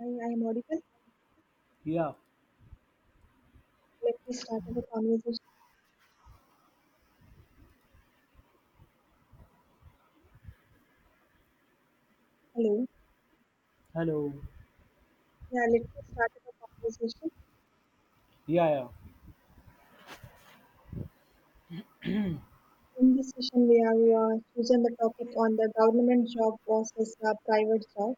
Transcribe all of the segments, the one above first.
Hi, I am audible. Yeah. Let me start our conversation. Hello. Hello. Yeah, let me start our conversation. Yeah, yeah, In this session, we have chosen the topic on the government job versus private job.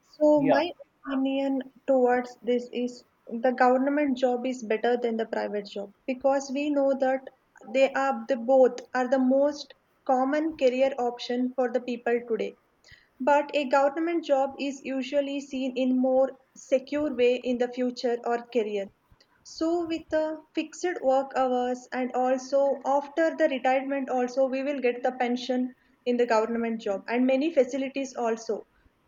So, yeah. my opinion towards this is the government job is better than the private job because we know that they are the both are the most common career option for the people today. But a government job is usually seen in more secure way in the future or career, so with the fixed work hours, and also after the retirement also we will get the pension in the government job and many facilities also,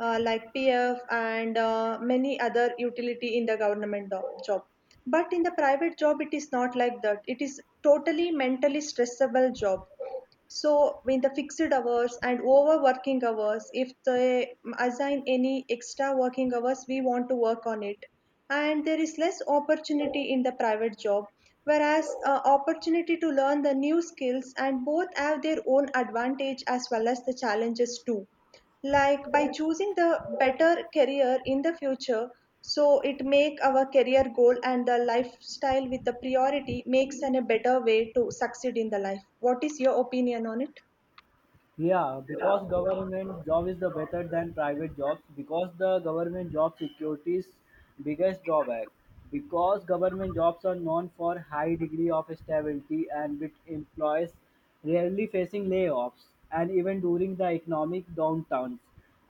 like pf and many other utility in the government job. But in the private job it is not like that. It is totally mentally stressable job. So in the fixed hours and overworking hours, if they assign any extra working hours, we want to work on it. And there is less opportunity in the private job, whereas opportunity to learn the new skills, and both have their own advantage as well as the challenges too, like by choosing the better career in the future, so it make our career goal and the lifestyle with the priority makes an a better way to succeed in the life. What is your opinion on it? Yeah, because government job is the better than private jobs because the government job security's biggest drawback because government jobs are known for high degree of stability and with employees rarely facing layoffs and even during the economic downturns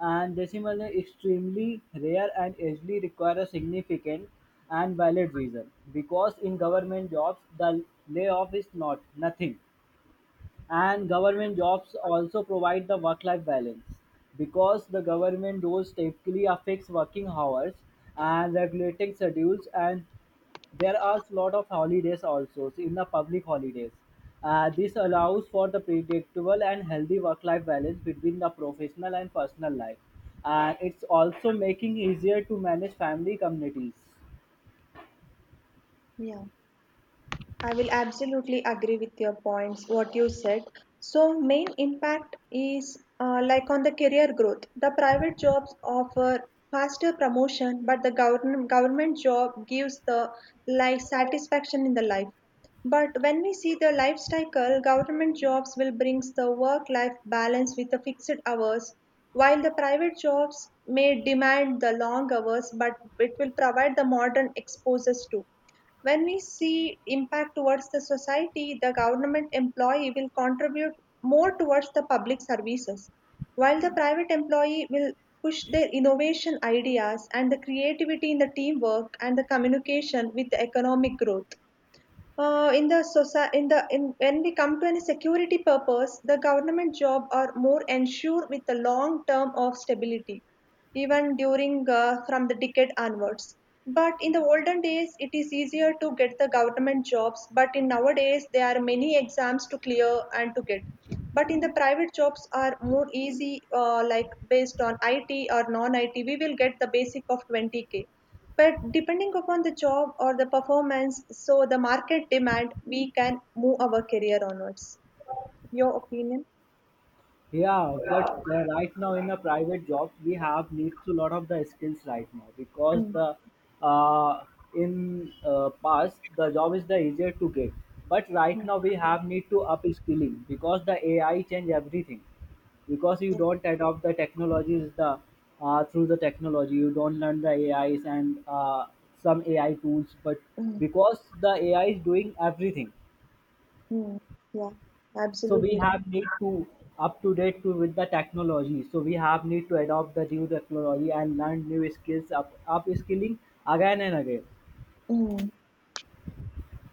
and they similarly extremely rare and usually require a significant and valid reason because in government jobs the layoff is not nothing. And government jobs also provide the work life balance because the government roles typically are fixed working hours and regulating schedules, and there are a lot of holidays also. So in the public holidays, this allows for the predictable and healthy work life balance between the professional and personal life, and it's also making easier to manage family communities. Yeah. I will absolutely agree with your points, what you said. So, main impact is like on the career growth. The private jobs offer faster promotion, but the government job gives the life satisfaction in the life. But when we see the life cycle, government jobs will brings the work-life balance with the fixed hours, while the private jobs may demand the long hours, but it will provide the modern exposures too. When we see impact towards the society, the government employee will contribute more towards the public services, while the private employee will push their innovation ideas and the creativity in the teamwork and the communication with the economic growth. In the society, in the in when we come to any security purpose, the government job are more ensure with a long term of stability, even during from the decade onwards. But in the olden days, it is easier to get the government jobs. But in nowadays, there are many exams to clear and to get. But in the private jobs are more easy, like based on IT or non-IT, we will get the basic of 20K, but depending upon the job or the performance, so the market demand, we can move our career onwards. Your opinion? Yeah, but right now in a private job, we have need to lot of the skills right now because Mm, the uh, in past the job is the easier to get, but right mm, now we have need to up skilling because the AI change everything. Because you yeah. don't adopt the technologies, the through the technology, you don't learn the AIs and some AI tools, but Mm, because the AI is doing everything, mm, yeah, so we absolutely right. have need to up to date to with the technology. So we have need to adopt the new technology and learn new skills, up skilling again and again. Mm,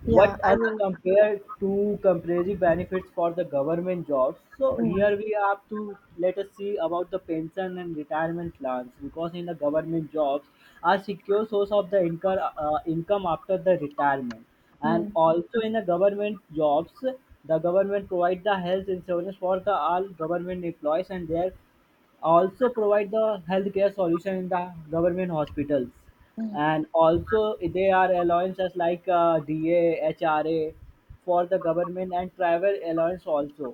yeah, What I as a will. compare to comparative benefits for the government jobs, so Mm, here we have to let us see about the pension and retirement plans because in the government jobs a secure source of the income, income after the retirement. And mm, also in the government jobs the government provide the health insurance for the all government employees, and their also provide the healthcare solution in the government hospitals. mm. And also they are allowances like da hra for the government, and travel allowance also.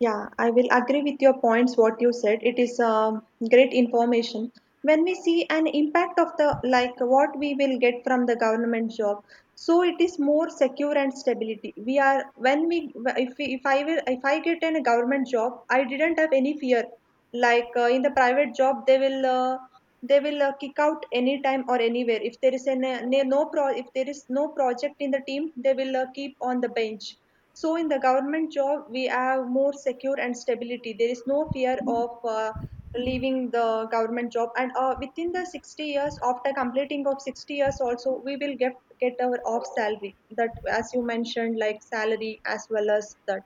Yeah, I will agree with your points, what you said. It is great information. When we see an impact of the, like what we will get from the government job, so it is more secure and stability. We are, when we, if I will, if I get in a government job, I didn't have any fear. Like in the private job, they will kick out anytime or anywhere. If there is an, if there is no project in the team, they will keep on the bench, so in the government job, we have more secure and stability. There is no fear of leaving the government job. And within the 60 years, after completing of 60 years also, get our off salary. That, as you mentioned, like salary as well as that.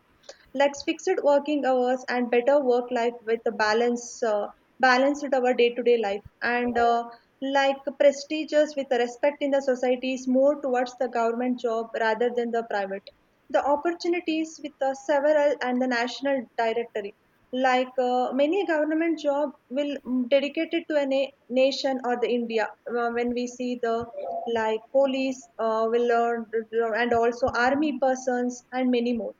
Like fixed working hours and better work life with the balance, balance with our day-to-day life. And like prestigious with the respect in the society is more towards the government job rather than the private. The opportunities with the several and the national directory, like many government job will dedicated to a nation or the india. When we see the like police will learn, and also army persons and many more.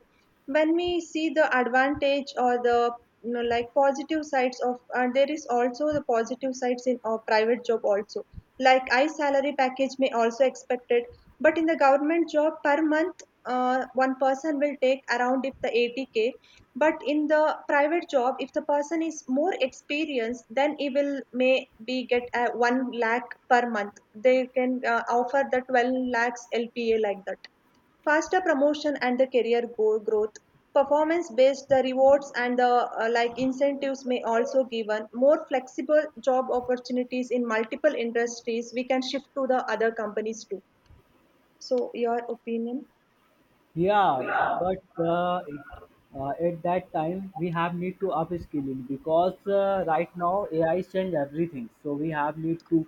When we see the advantage or the like positive sides of there is also the positive sides in our private job also, like I salary package may also expected, but in the government job per month one person will take around if the 80K. But in the private job if the person is more experienced then he will may be get 1 lakh per month, they can offer the 12 lakhs lpa like that. Faster promotion and the career growth, performance based the rewards and the like incentives may also given, more flexible job opportunities in multiple industries we can shift to the other companies too. So your opinion? Yeah, but at that time we have need to upskilling because right now AI change everything. So we have need to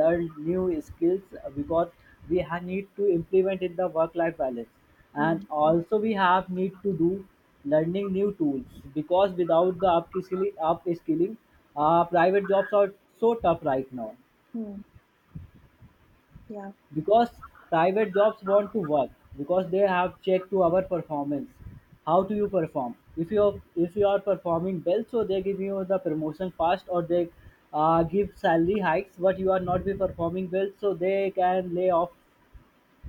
learn new skills because we have need to implement in the work life balance, and Mm, also we have need to do learning new tools, because without the upskilling, private jobs are so tough right now, mm, yeah. because private jobs want to work because they have checked to our performance. How do you perform? If you are performing well, so they give you the promotion fast, or they give salary hikes. But you are not be performing well, so they can lay off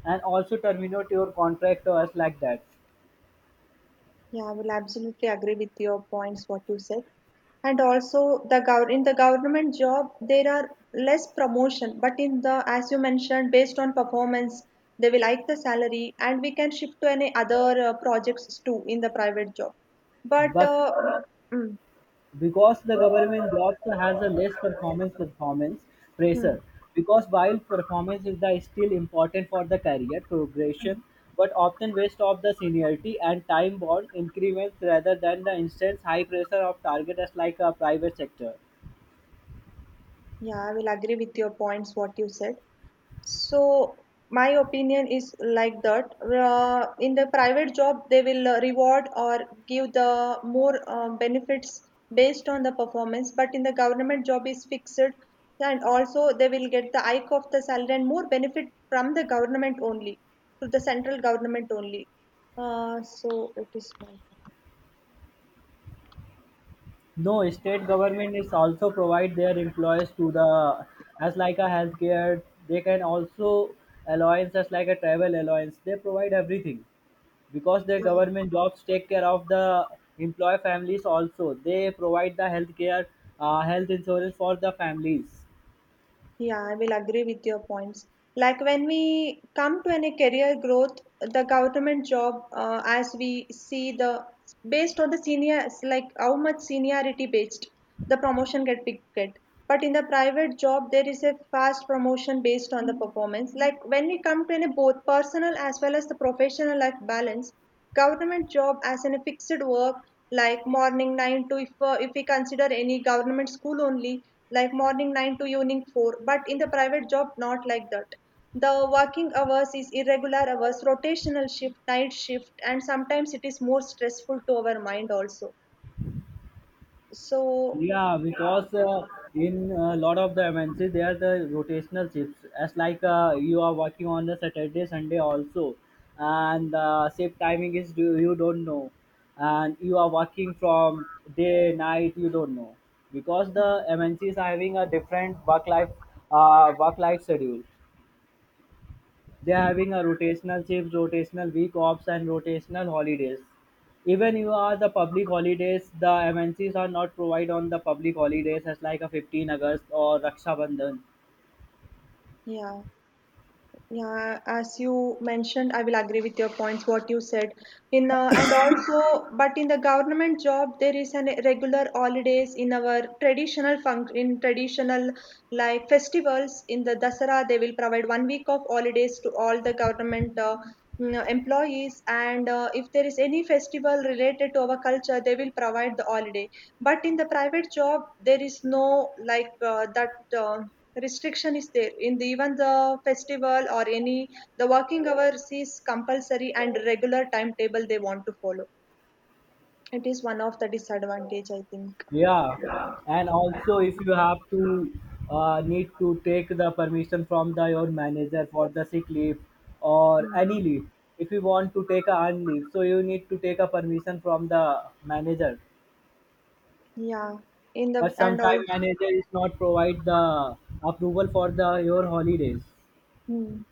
and also terminate your contract or us like that. Yeah, I will absolutely agree with your points, what you said. And also, the in the government job, there are less promotion, but in the, as you mentioned, based on performance, they will like the salary, and we can shift to any other projects too in the private job. But But mm, Because the government jobs has a less performance mm, pressure. Because while performance is the still important for the career mm. progression, but often waste of the seniority and time bound increments rather than the instant high pressure of targets like a private sector. Yeah, I will agree with your points, what you said. So my opinion is like that. In the private job, they will reward or give the more benefits based on the performance. But in the government job is fixed, and also they will get the hike of the salary and more benefit from the government only, to the central government only. So it is my. No, state government is also provide their employees to the as like a healthcare. They can also allowance as like a travel allowance. They provide everything. Because the government jobs take care of the employee families also. They provide the health care, health insurance for the families. Yeah, I will agree with your points. Like when we come to any career growth, the government job, as we see the based on the senior, like how much seniority based the promotion get picked. Get. But in the private job, there is a fast promotion based on the performance. Like when we come to any both personal as well as the professional life balance, government job as in a fixed work, like morning 9 to if we consider any government school only, like morning 9 to evening 4. But in the private job not like that. The working hours is irregular hours, rotational shift, night shift, and sometimes it is more stressful to our mind also. So Yeah, because in a lot of the MNCs, they are the rotational shifts. As like you are working on the Saturday, Sunday also, and shift timing is you don't know, and you are working from day night, you don't know, because the MNCs are having a different work life schedule. They are having a rotational shifts, rotational week offs, and rotational holidays. Even you are the public holidays, the MNCs are not provide on the public holidays as like a 15th August or Raksha Bandhan. yeah, yeah, as you mentioned, I will agree with your points, what you said. In and also, but in the government job there is an regular holidays in our traditional in traditional like festivals. In the Dasara, they will provide 1 week of holidays to all the government employees. And if there is any festival related to our culture, they will provide the holiday. But in the private job, there is no like that. Uh, Restriction is there in the even the festival or any, the working hours is compulsory and regular timetable they want to follow. It is one of the disadvantage I think. Yeah, and also if you have to need to take the permission from the your manager for the sick leave or Mm. any leave, if you want to take a un leave, so you need to take a permission from the manager. Yeah in the But and all. sometimes manager is not provide the approval for the your holidays. Mm.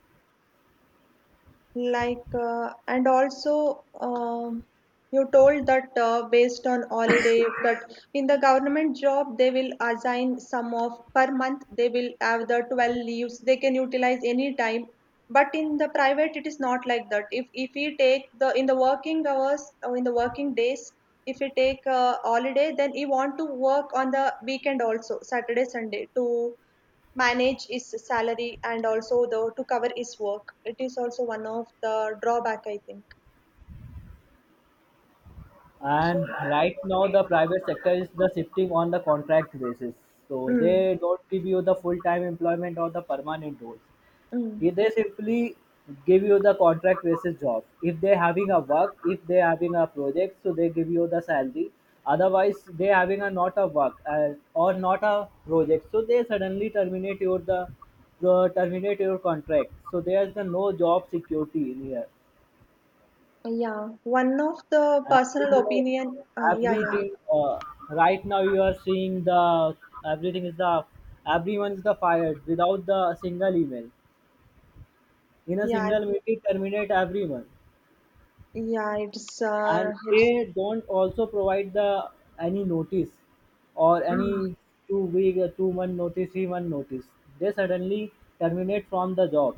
Like, and also, you told that based on holiday, that in the government job, they will assign some of per month, they will have the 12 leaves, they can utilize any time. But in the private, it is not like that. If we take the in the working hours or in the working days, if we take a holiday, then we want to work on the weekend also, Saturday, Sunday, to manage his salary and also the to cover his work. It is also one of the drawback, I think. So, And right now the private sector is the shifting on the contract basis, so mm, they don't give you the full time employment or the permanent role. mm, They simply give you the contract basis job. If they're having a work, if they're having a project, so they give you the salary. Otherwise, they're having a not a work or not a project, so they suddenly terminate your the terminate your contract. So there's the no job security in here. yeah, one of the And personal you know, opinion. Yeah, yeah, everything right now you are seeing the everything is the everyone is the fired without the single email. In a yeah, single mail, it terminate everyone. yeah. And It's they don't also provide the any notice or mm, any 2 week 2 month notice, 3 month notice, they suddenly terminate from the job.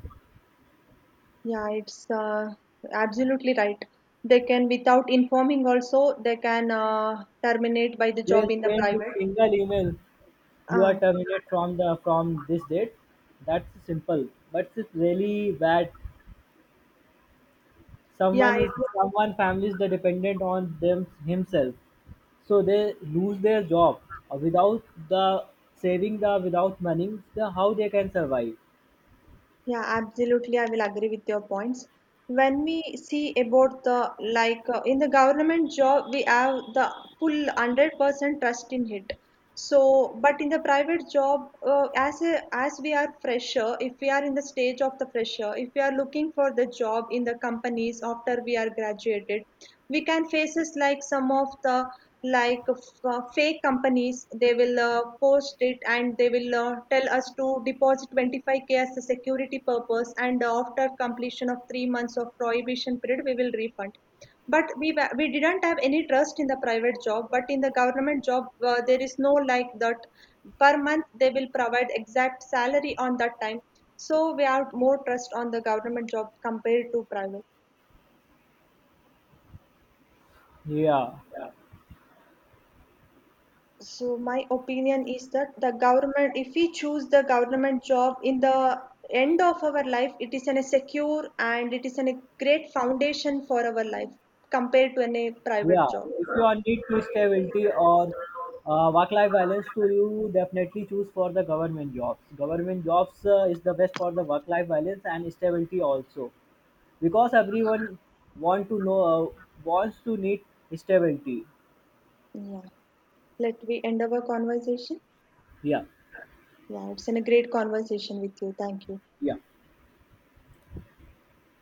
yeah, it's absolutely right. They can without informing also they can terminate by the They job in the send a private. single email, you are Uh, terminated from the from this date. That's simple. But it's really bad. yeah. Someone is someone family is the dependent on them himself, so they lose their job, without the saving, the without money, the how they can survive. Yeah, absolutely. I will agree with your points. When we see about the like in the government job, we have the full 100% trust in it. So, but in the private job, as a, as we are fresher, if we are in the stage of the fresher, if we are looking for the job in the companies after we are graduated, we can faces like some of the like fake companies they will post it and they will tell us to deposit 25K as a security purpose, and after completion of 3 months of prohibition period we will refund. But we we didn't have any trust in the private job, but in the government job there is no like that. Per month they will provide exact salary on that time. So we have more trust on the government job compared to private. Yeah. So my opinion is that the government, if we choose the government job in the end of our life, it is an, a secure and it is an, a great foundation for our life compared to any Yeah, private job. if you are need to stability or work-life balance, to you definitely choose for the government jobs. Government jobs is the best for the work-life balance and stability also, because everyone want to know, wants to need stability. Yeah. Let we end our conversation. Yeah, Yeah, it's an, a great conversation with you. Thank you. yeah.